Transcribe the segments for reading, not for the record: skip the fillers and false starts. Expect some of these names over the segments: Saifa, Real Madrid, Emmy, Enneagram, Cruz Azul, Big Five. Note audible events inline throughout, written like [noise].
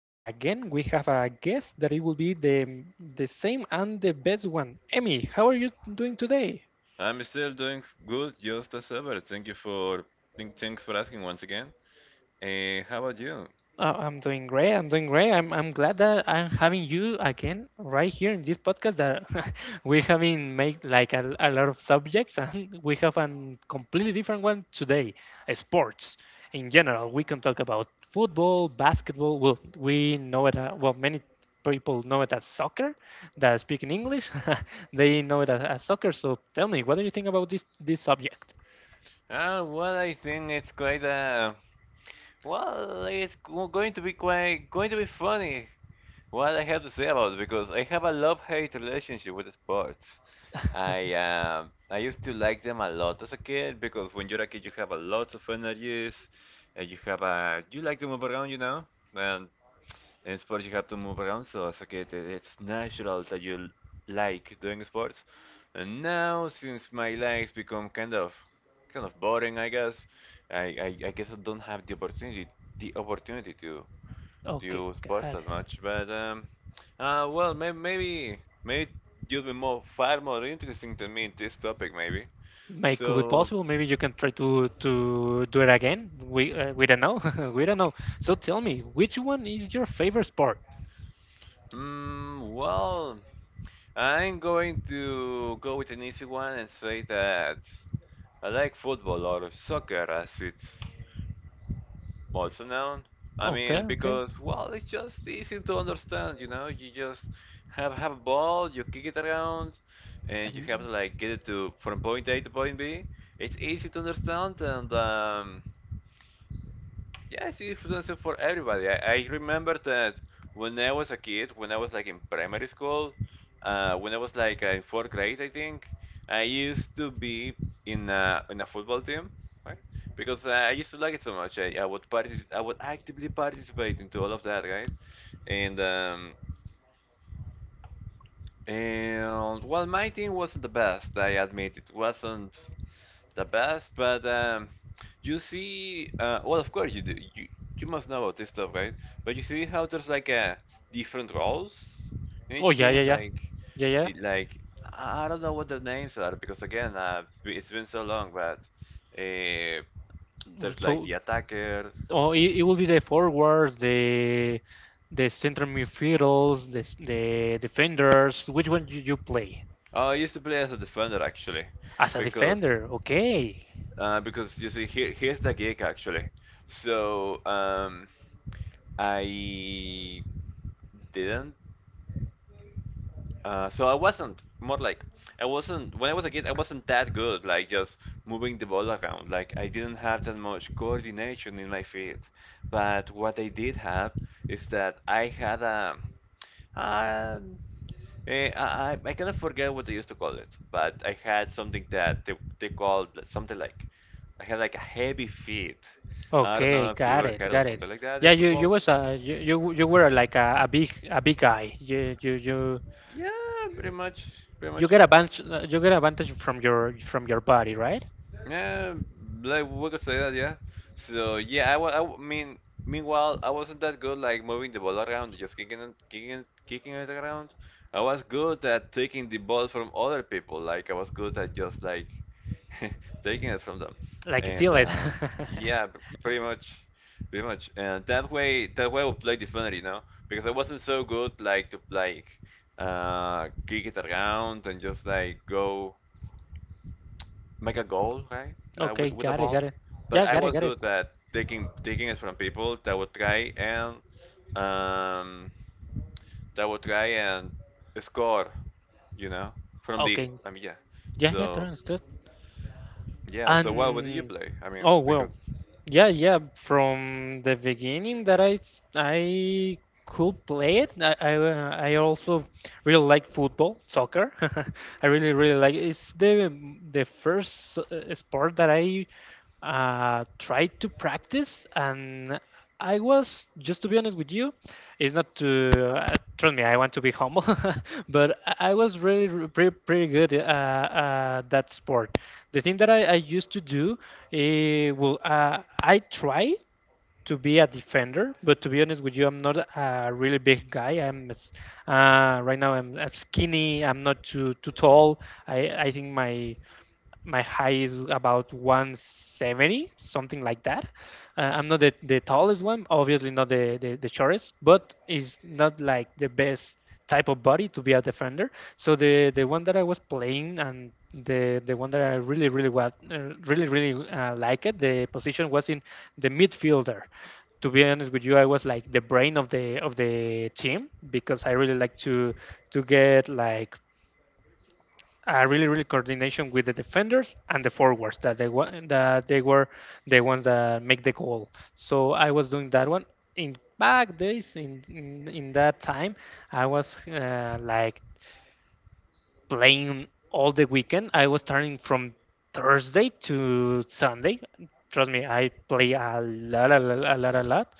Again, we have a guest that it will be the same and the best one. Emmy, how are you doing today? I'm still doing good, just as ever. Thank you for thanks for asking once again. How about you? I'm doing great. I'm doing great. I'm glad that I'm having you again right here in this podcast that [laughs] we're having made like a lot of subjects and [laughs] we have a completely different one today. Sports in general. We can talk about football, basketball. Well, we know it. Well, many people know it as soccer. That speak in English, [laughs] they know it as soccer. So tell me, what do you think about this subject? Well, I think it's it's going to be quite going to be funny. What I have to say about it, because I have a love-hate relationship with sports. I used to like them a lot as a kid, because when you're a kid you have a lot of energies, and you have a you like to move around, you know. And In sports, you have to move around, so as a kid, it's natural that you like doing sports. And now, since my legs become kind of boring, I guess, I guess I don't have the opportunity to Okay, do sports got as it. much. But well, maybe you'll be more far more interesting than me in this topic, maybe. May could be So, possible. Maybe you can try to do it again. We don't know. [laughs] We don't know. So tell me, which one is your favorite sport? mm, well, I'm going to go with an easy one and say that I like football, or soccer as it's also known. I Okay, mean, okay. because, well, it's just easy to understand, you know. You just have a ball, you kick it around, and you have to And- like get it to from point A to point B. It's easy to understand, and yes, it's influencer for everybody. I remember that when I was a kid, when I was like in primary school, when I was like in fourth grade, I think, I used to be in in a football team, right? Because I used to like it so much. I would I would actively participate into all of that, right? And um, and well, my team wasn't the best. I admit it wasn't the best, but you see, well, of course you do. You must know about this stuff, right? But you see how there's like a different roles in oh, each yeah, yeah, team, yeah, like yeah, yeah. the like I don't know what their names are, because again, it's been so long, but uh, there's like So the attacker. oh, it will be the forwards, the center midfielders, the defenders. Which one you play Oh, I used to play as a defender actually, as a because defender? Okay, because you see, here's the gig actually. So I didn't. I wasn't more like I wasn't, when I was a kid, I wasn't that good, like just moving the ball around. Like I didn't have that much coordination in my feet. But what I did have is that I had um I kind of forget what they used to call it, but I had something that they called something like I had like a heavy feet. I don't know okay, if you got ever it, heard of got it. something like that in Yeah, you football. was a you you, you were like a big guy. Yeah, pretty much, pretty You much. get advantage you get advantage from your body, right? Yeah, like we could say that, yeah. So yeah, I, wa- I w- mean, meanwhile, I wasn't that good like moving the ball around, just kicking kicking it around. I was good at taking the ball from other people. Like I was good at just like [laughs] taking it from them. Like And steal it. Yeah, pretty much, pretty much. And that way I would play defender, you know, because I wasn't so good like kick it around and just like go make a goal, right? [laughs] Okay, With the got it, got ball. it. But Yeah, I got it, was got it. good at taking it from people that would try and um that would try and score, you know, from the Okay. I mean, yeah. Yeah, yeah, totally So understood. yeah, so what do you And play? I mean Oh, well, because yeah, yeah. From the beginning that I could play it, I also really like football, soccer. [laughs] I really really like. It's the first sport that I tried to practice, and I was just to be honest with you, it's not to trust me. I want to be humble, [laughs] but I was really pretty, pretty good that sport. The thing that I used to do, I try to be a defender, but to be honest with you, I'm not a really big guy. Right now I'm skinny. I'm not too tall. I think my height is about 170 something like that. I'm not the tallest one, obviously not the, the shortest, but it's not like the best type of body to be a defender. So the one that I was playing and the one that I really really liked the position was in the midfielder. To be honest with you, I was like the brain of the team because I really like to get like really really coordination with the defenders and the forwards that that they were the ones that make the goal. So I was doing that one in back days in that time I was like playing all the weekend. I was starting from Thursday to Sunday. Trust me, I play a lot, a lot, a lot, a lot.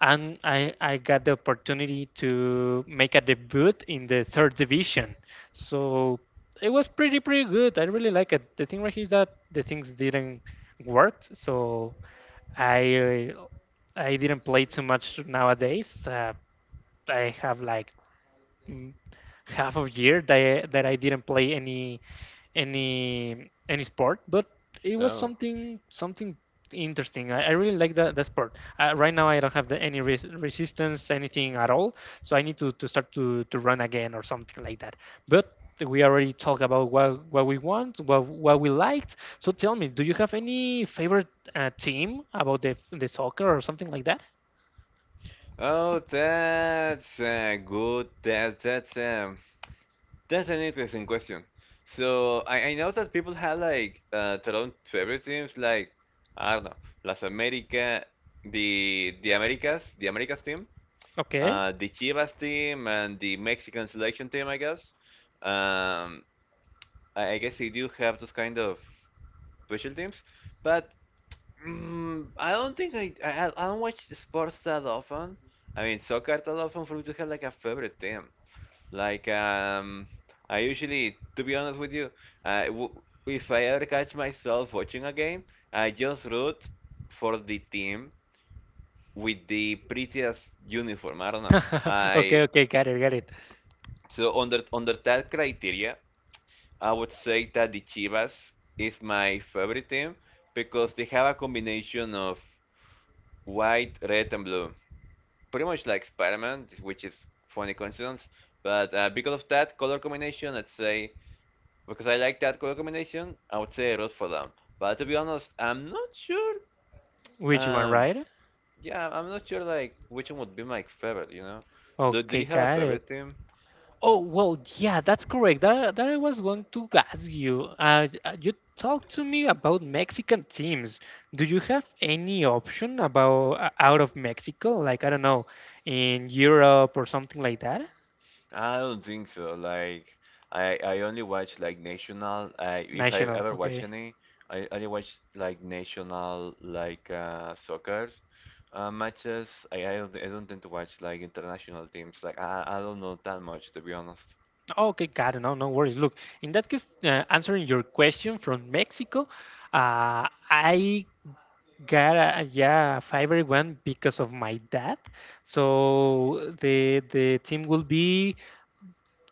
And I got the opportunity to make a debut in the third division. So it was pretty, pretty good. I really like it. The thing right here is that the things didn't work. So I uh, I didn't play too much nowadays. I have like mm, half of year that that I didn't play any any sport, but it was oh. something something interesting. I really like that that sport. Right now, I don't have the, any resistance, anything at all, so I need to start to run again or something like that. But we already talked about what we want, what we liked. So tell me, do you have any favorite team about the soccer or something like that? Oh, that's good. That's an interesting question. So I know that people have like their own favorite teams, like I don't know, Las America, the Americas team, Okay. The Chivas team, and the Mexican selection team, I guess. Um, I guess they do have those kind of special teams, but mm, I don't think I don't watch the sports that often. I mean, soccer that often, for me to have like a favorite team. Like, I usually, to be honest with you, I w if I ever catch myself watching a game, I just root for the team with the prettiest uniform. I don't know. [laughs] Okay, I okay, got it, got it. so under that criteria, I would say that the Chivas is my favorite team, because they have a combination of white, red, and blue. Pretty much like Spider-Man, which is funny coincidence. But because of that color combination, let's say. Because I like that color combination, I would say Rod for them. But to be honest, I'm not sure. Which one, Um, right? yeah, I'm not sure like which one would be my favorite. You know, do Okay, you have a got it. favorite team? Oh, well, yeah, that's correct. That I was going to ask you. You talked to me about Mexican teams. Do you have any option about out of Mexico? Like, I don't know, in Europe or something like that? I don't think so. Like, I only watch like national. I If I National, ever watch okay. any, I only watch like national like soccer matches. I don't tend to watch like international teams. Like I don't know that much, to be honest. Okay, got it. No, no worries. Look, in that case, answering your question from Mexico, uh, I got a, yeah, a favorite one because of my dad. So the team will be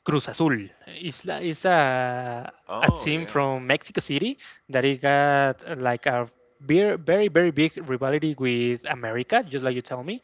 Cruz Azul. It's, it's a Oh team yeah. from Mexico City that it got like a very, very, very big rivalry with America, just like you tell me.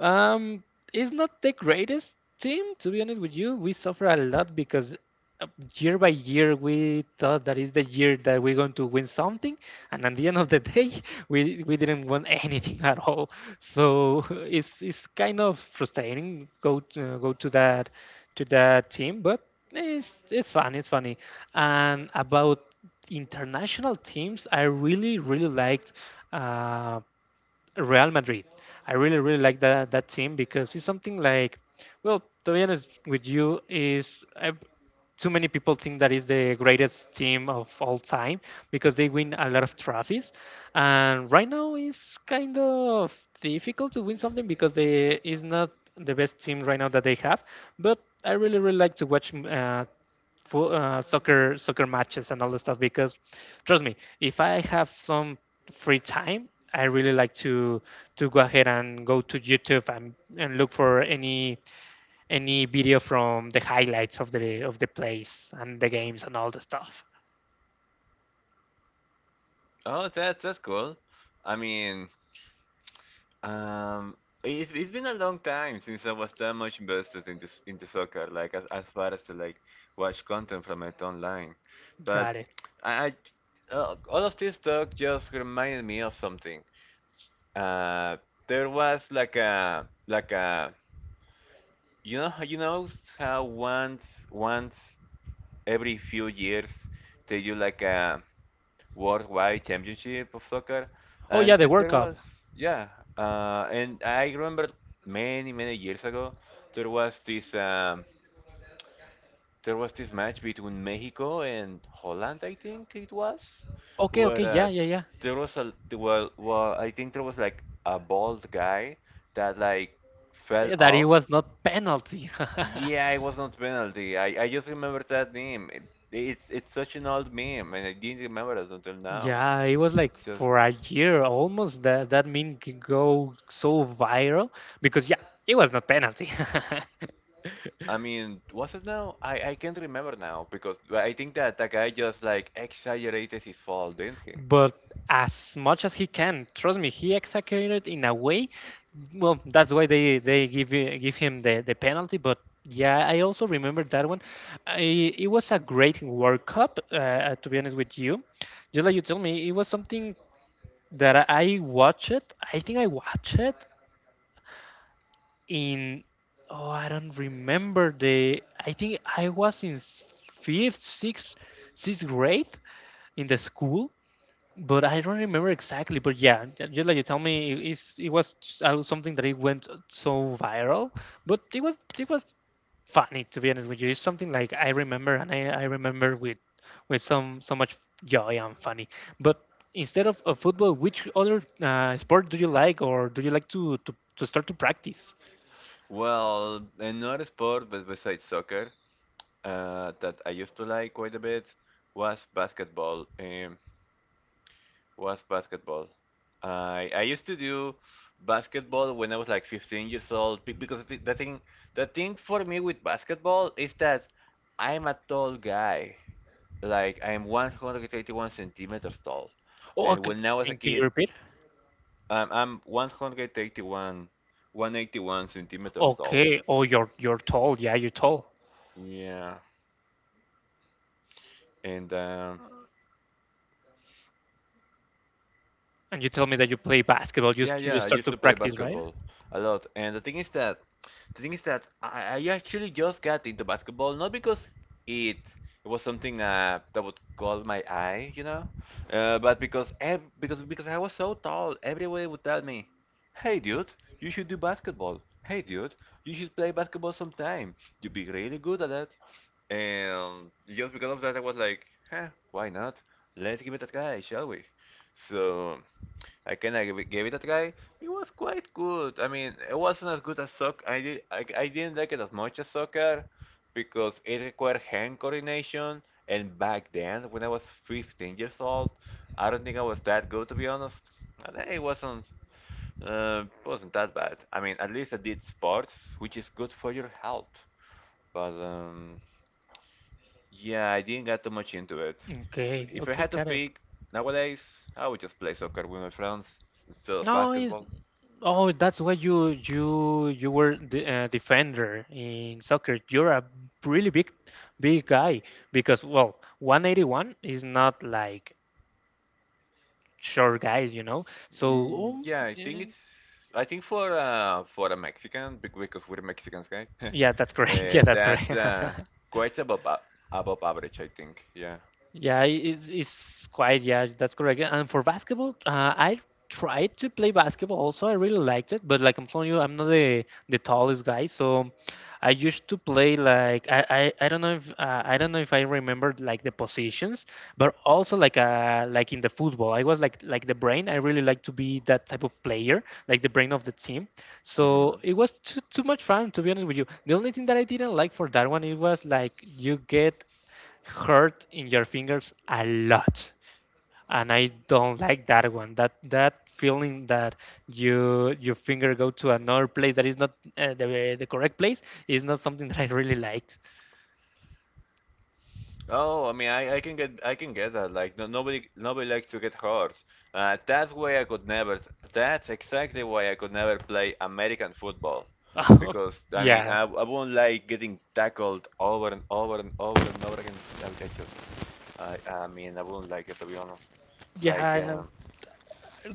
Um, it's not the greatest team, to be honest with you. We suffer a lot because uh, year by year we thought that is the year that we're going to win something, and at the end of the day [laughs] we didn't win anything at all, so [laughs] it's kind of frustrating go go to that team, but it's fun, it's funny. And about international teams I really really liked uh, Real Madrid. I really, really like that that team because it's something like, well, to be honest with you, is I too many people think that is the greatest team of all time because they win a lot of trophies, and right now it's kind of difficult to win something because they is not the best team right now that they have. But I really, really like to watch soccer soccer matches and all the stuff because trust me if I have some free time I really like to go ahead and go to YouTube and look for any video from the highlights of the plays and the games and all the stuff. Oh, that's cool. I mean, um, it's been a long time since I was that much invested into into soccer, like as far as to like watch content from it online. But Got it. I all of this talk just reminded me of something. Uh, there was like a you you know how once every few years they do like a worldwide championship of soccer, Oh, yeah, and the World there Cup. was yeah, and I remember many many years ago there was this um, there was this match between Mexico and Holland, I think it was, Okay, where okay, yeah, yeah, yeah. there was a well well, I think there was like a bald guy that like fell That it off. was not penalty. Yeah, [laughs] it was not penalty. I just remember that name. It's such an old meme, and I didn't remember it until now. Yeah, it was like Just. for a year almost that that meme can go so viral because yeah, it was not penalty. I mean, was it now? I can't remember now, because I think that the guy just like exaggerated his fall, didn't he? [laughs] But as much as he can, trust me, he executed in a way. Well, that's why give him the penalty. But yeah, I also remember that one. I, it was a great World Cup. To be honest with you, just like you tell me, it was something that I watched it. I think I watched it in oh I don't remember the I think I was in fifth sixth sixth grade in the school, but I don't remember exactly. But yeah, just like you tell me, it was something that it went so viral. But it was funny, to be honest with you. It's something like I remember, and I remember with some so much joy and funny. But instead of football, which other sport do you like or do you like to start to practice? Well, another sport but besides soccer, that I used to like quite a bit was basketball. Was basketball. I used to do basketball when I was like 15 years old, because the thing for me with basketball is that I'm a tall guy. Like I am 181 centimeters tall, Oh, and when I was a can you kid, repeat? I'm 181 centimeters tall. Okay. Oh, you're tall. Yeah, you're tall. Yeah, and And you tell me that you play basketball. Yeah, You yeah, I start used to to play practice, right? basketball a lot. And the thing is that I actually just got into basketball not because it it was something that would call my eye, you know, but because ev because I was so tall, everybody would tell me, "Hey, dude, you should do basketball. Hey, dude, you should play basketball sometime. You'd be really good at that." And just because of that, I was like, "Huh, why not? Let's give it a try, shall we?" So I kind of gave it a try. It was quite good. I mean, it wasn't as good as soccer. I didn't like it as much as soccer, because it required hand coordination. And back then, when I was 15 years old, I don't think I was that good, to be honest. And it wasn't that bad. I mean, at least I did sports, which is good for your health. But yeah, I didn't get too much into it. Okay. If I Okay. had to Got it. pick nowadays, I would just play soccer with my friends instead of No. It's, basketball. oh, that's why you were the defender in soccer. You're a really big big guy because well, 181 is not like short guys, you know. So Mm, um, yeah, I think eh, it's. I think for a Mexican, because we're Mexicans, guy, [laughs] yeah, that's correct. [laughs] Yeah, that's correct. that's [laughs] quite above a- above average, I think. Yeah. Yeah, it's quite, yeah, that's correct. And for basketball, I tried to play basketball also. I really liked it, but like I'm telling you, I'm not the tallest guy. So I used to play like I don't know if I don't know if I remember like the positions, but also like in the football, I was like the brain. I really like to be that type of player, like the brain of the team. So Hmm. it was too much fun, to be honest with you. The only thing that I didn't like for that one, it was like you get hurt in your fingers a lot, and I don't like that one that that feeling that you your finger go to another place that is not the the correct place is not something that I really liked. Oh, I mean, I can get that. Like no, nobody likes to get hurt. That's why I could never. That's exactly why I could never play American football, [laughs] because I mean, Yeah, I won't like getting tackled over and over and over and over again. I just I I mean, I wouldn't like it, to be honest. Like. yeah,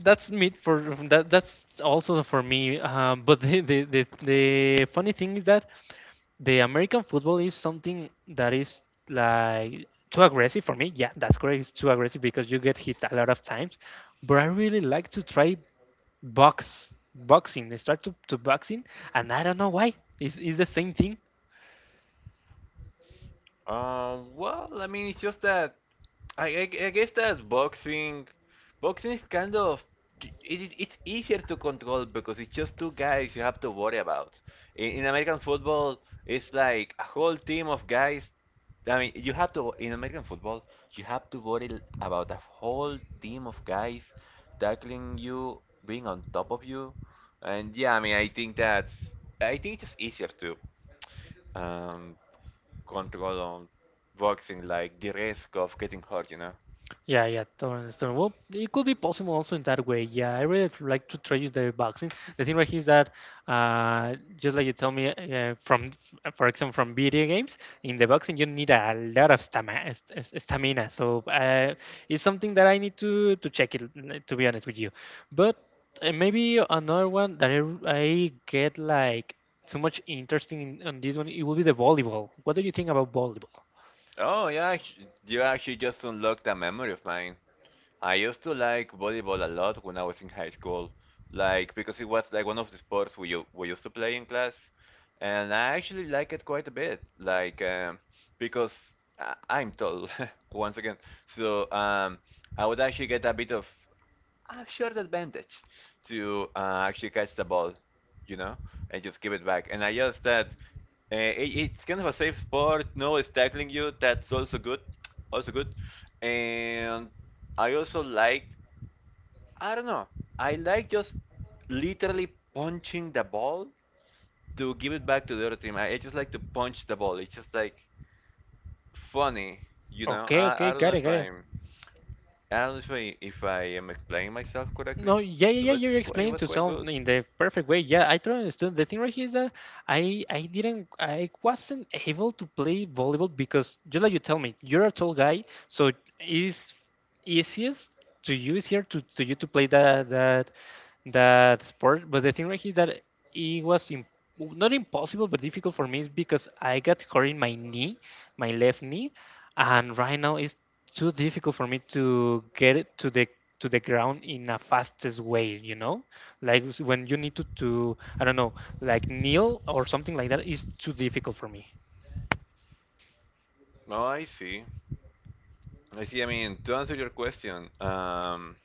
that's me for that. That's also for me. But the funny thing is that the American football is something that is like too aggressive for me. Yeah, that's correct. It's too aggressive because you get hit a lot of times. But I really like to try boxing. I start to boxing, and I don't know why. It's the same thing. Well, I mean, it's just that I, I, I guess that boxing is it is it's easier to control, because it's just two guys you have to worry about. In American football, it's like a whole team of guys. I mean, you have to in American football, you have to worry about a whole team of guys tackling you, being on top of you, and yeah, I mean, I think that's I think it's just easier to. Um, control on boxing, like the risk of getting hurt, you know? Yeah, yeah, totally understand. Well, it could be possible also in that way. Yeah, I really like to try use the boxing. The thing right here is that, just like you tell me, from for example from video games, in the boxing you need a lot of stamina. Stamina. So it's something that I need to check it. To be honest with you, but maybe another one that I get like so much interesting in, on this one, it will be the volleyball. What do you think about volleyball? Oh yeah, you actually just unlocked a memory of mine. I used to like volleyball a lot when I was in high school, like because it was like one of the sports we used to play in class, and I actually like it quite a bit, like because I'm tall [laughs] once again, so I would actually get a bit of a short advantage to actually catch the ball, you know, and just give it back. And I just that it, it's kind of a safe sport. No one's tackling you. That's also good, also good. And I also liked, I don't know, I like just literally punching the ball to give it back to the other team. I just like to punch the ball. It's just like funny, you know. Okay, okay, I don't know got it, if got it. I'm, I don't know if I am explaining myself No, correctly, yeah, yeah, yeah. but You're it's quite it explaining was to quite sound good. in the perfect way. Yeah, I totally understood. The thing right here is that I didn't, I wasn't able to play volleyball because just like you tell me, you're a tall guy, so it is easiest to you is here to you to play that that sport. But the thing right here is that it was im not impossible but difficult for me is because I got hurt in my knee, my left knee, and right now it's too difficult for me to get it to the ground in a fastest way, you know, like when you need to I don't know, like kneel or something like that is too difficult for me. No, I see. I see. I mean, to answer your question,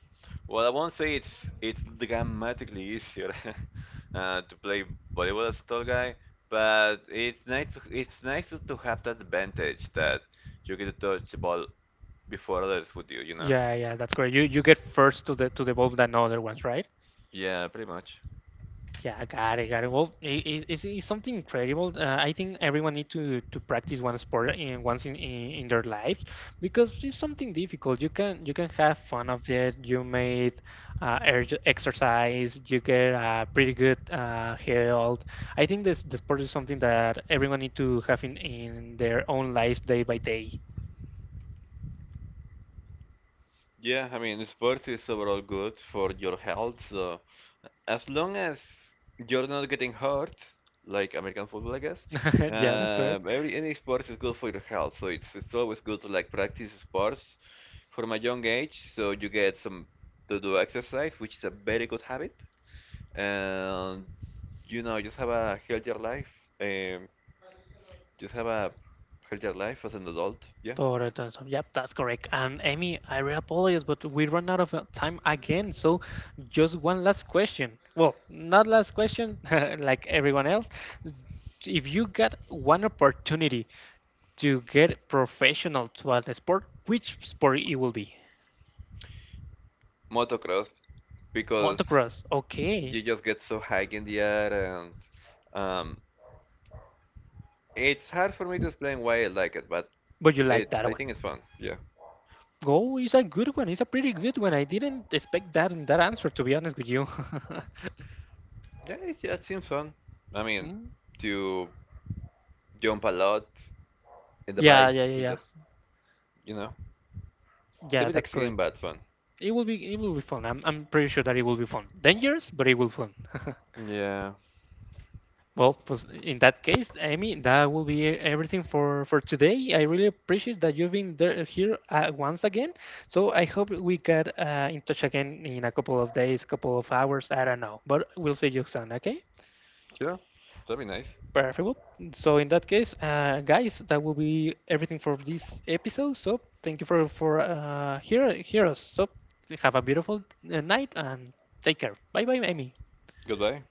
well, I won't say it's dramatically easier [laughs] to play volleyball as a tall guy, but it's nice to have that advantage that you get to touch the ball before others would do, you know? Yeah, yeah, that's correct. You get first to the ball than other ones, right? Yeah, pretty much. Yeah, got it, got it. Well, it's something incredible. I think everyone need to practice one sport in, once in their lives because it's something difficult. You can have fun of it. You made exercise. You get pretty good health. I think this the sport is something that everyone need to have in their own life day by day. Yeah, I mean, sports is overall good for your health. So as long as you're not getting hurt, like American football, I guess, [laughs] Yeah, that's correct. every any sports is good for your health. So it's always good to like practice sports from a young age, so you get some to do exercise, which is a very good habit, and you know just have a healthier life. Um, just have a healthier life as an adult. Yeah, Total transform. Yep, that's correct. And Amy, I really apologize, but we run out of time again. So, just one last question. Well, not last question, [laughs] like everyone else. If you got one opportunity to get professional to a sport, which sport it will be? motocross because. Motocross. Okay, You just get so high in the air and um, it's hard for me to explain why I like it, but but you like it's that I one. think it's fun. Yeah, Go is a good one. It's a pretty good one. I didn't expect that that answer, to be honest with you. [laughs] yeah, yeah, it seems fun. I mean, Mm. to jump a lot in the Yeah, yeah, bike, yeah, it yeah. just you know, it's a Yeah, bit that's extreme correct. but fun. It will be fun. I'm pretty sure that it will be fun. Dangerous, but it will fun. [laughs] Yeah, Well, pues, in that case, Amy, that will be everything for today. I really appreciate that you've been there here once again. So I hope we get in touch again in a couple of days, couple of hours. I don't know, but we'll see you soon. Okay, sure, that'd be nice. perfect. Well, so in that case, guys, that will be everything for this episode. So thank you for hear hear us. So have a beautiful night and take care. Bye bye, Amy. Goodbye.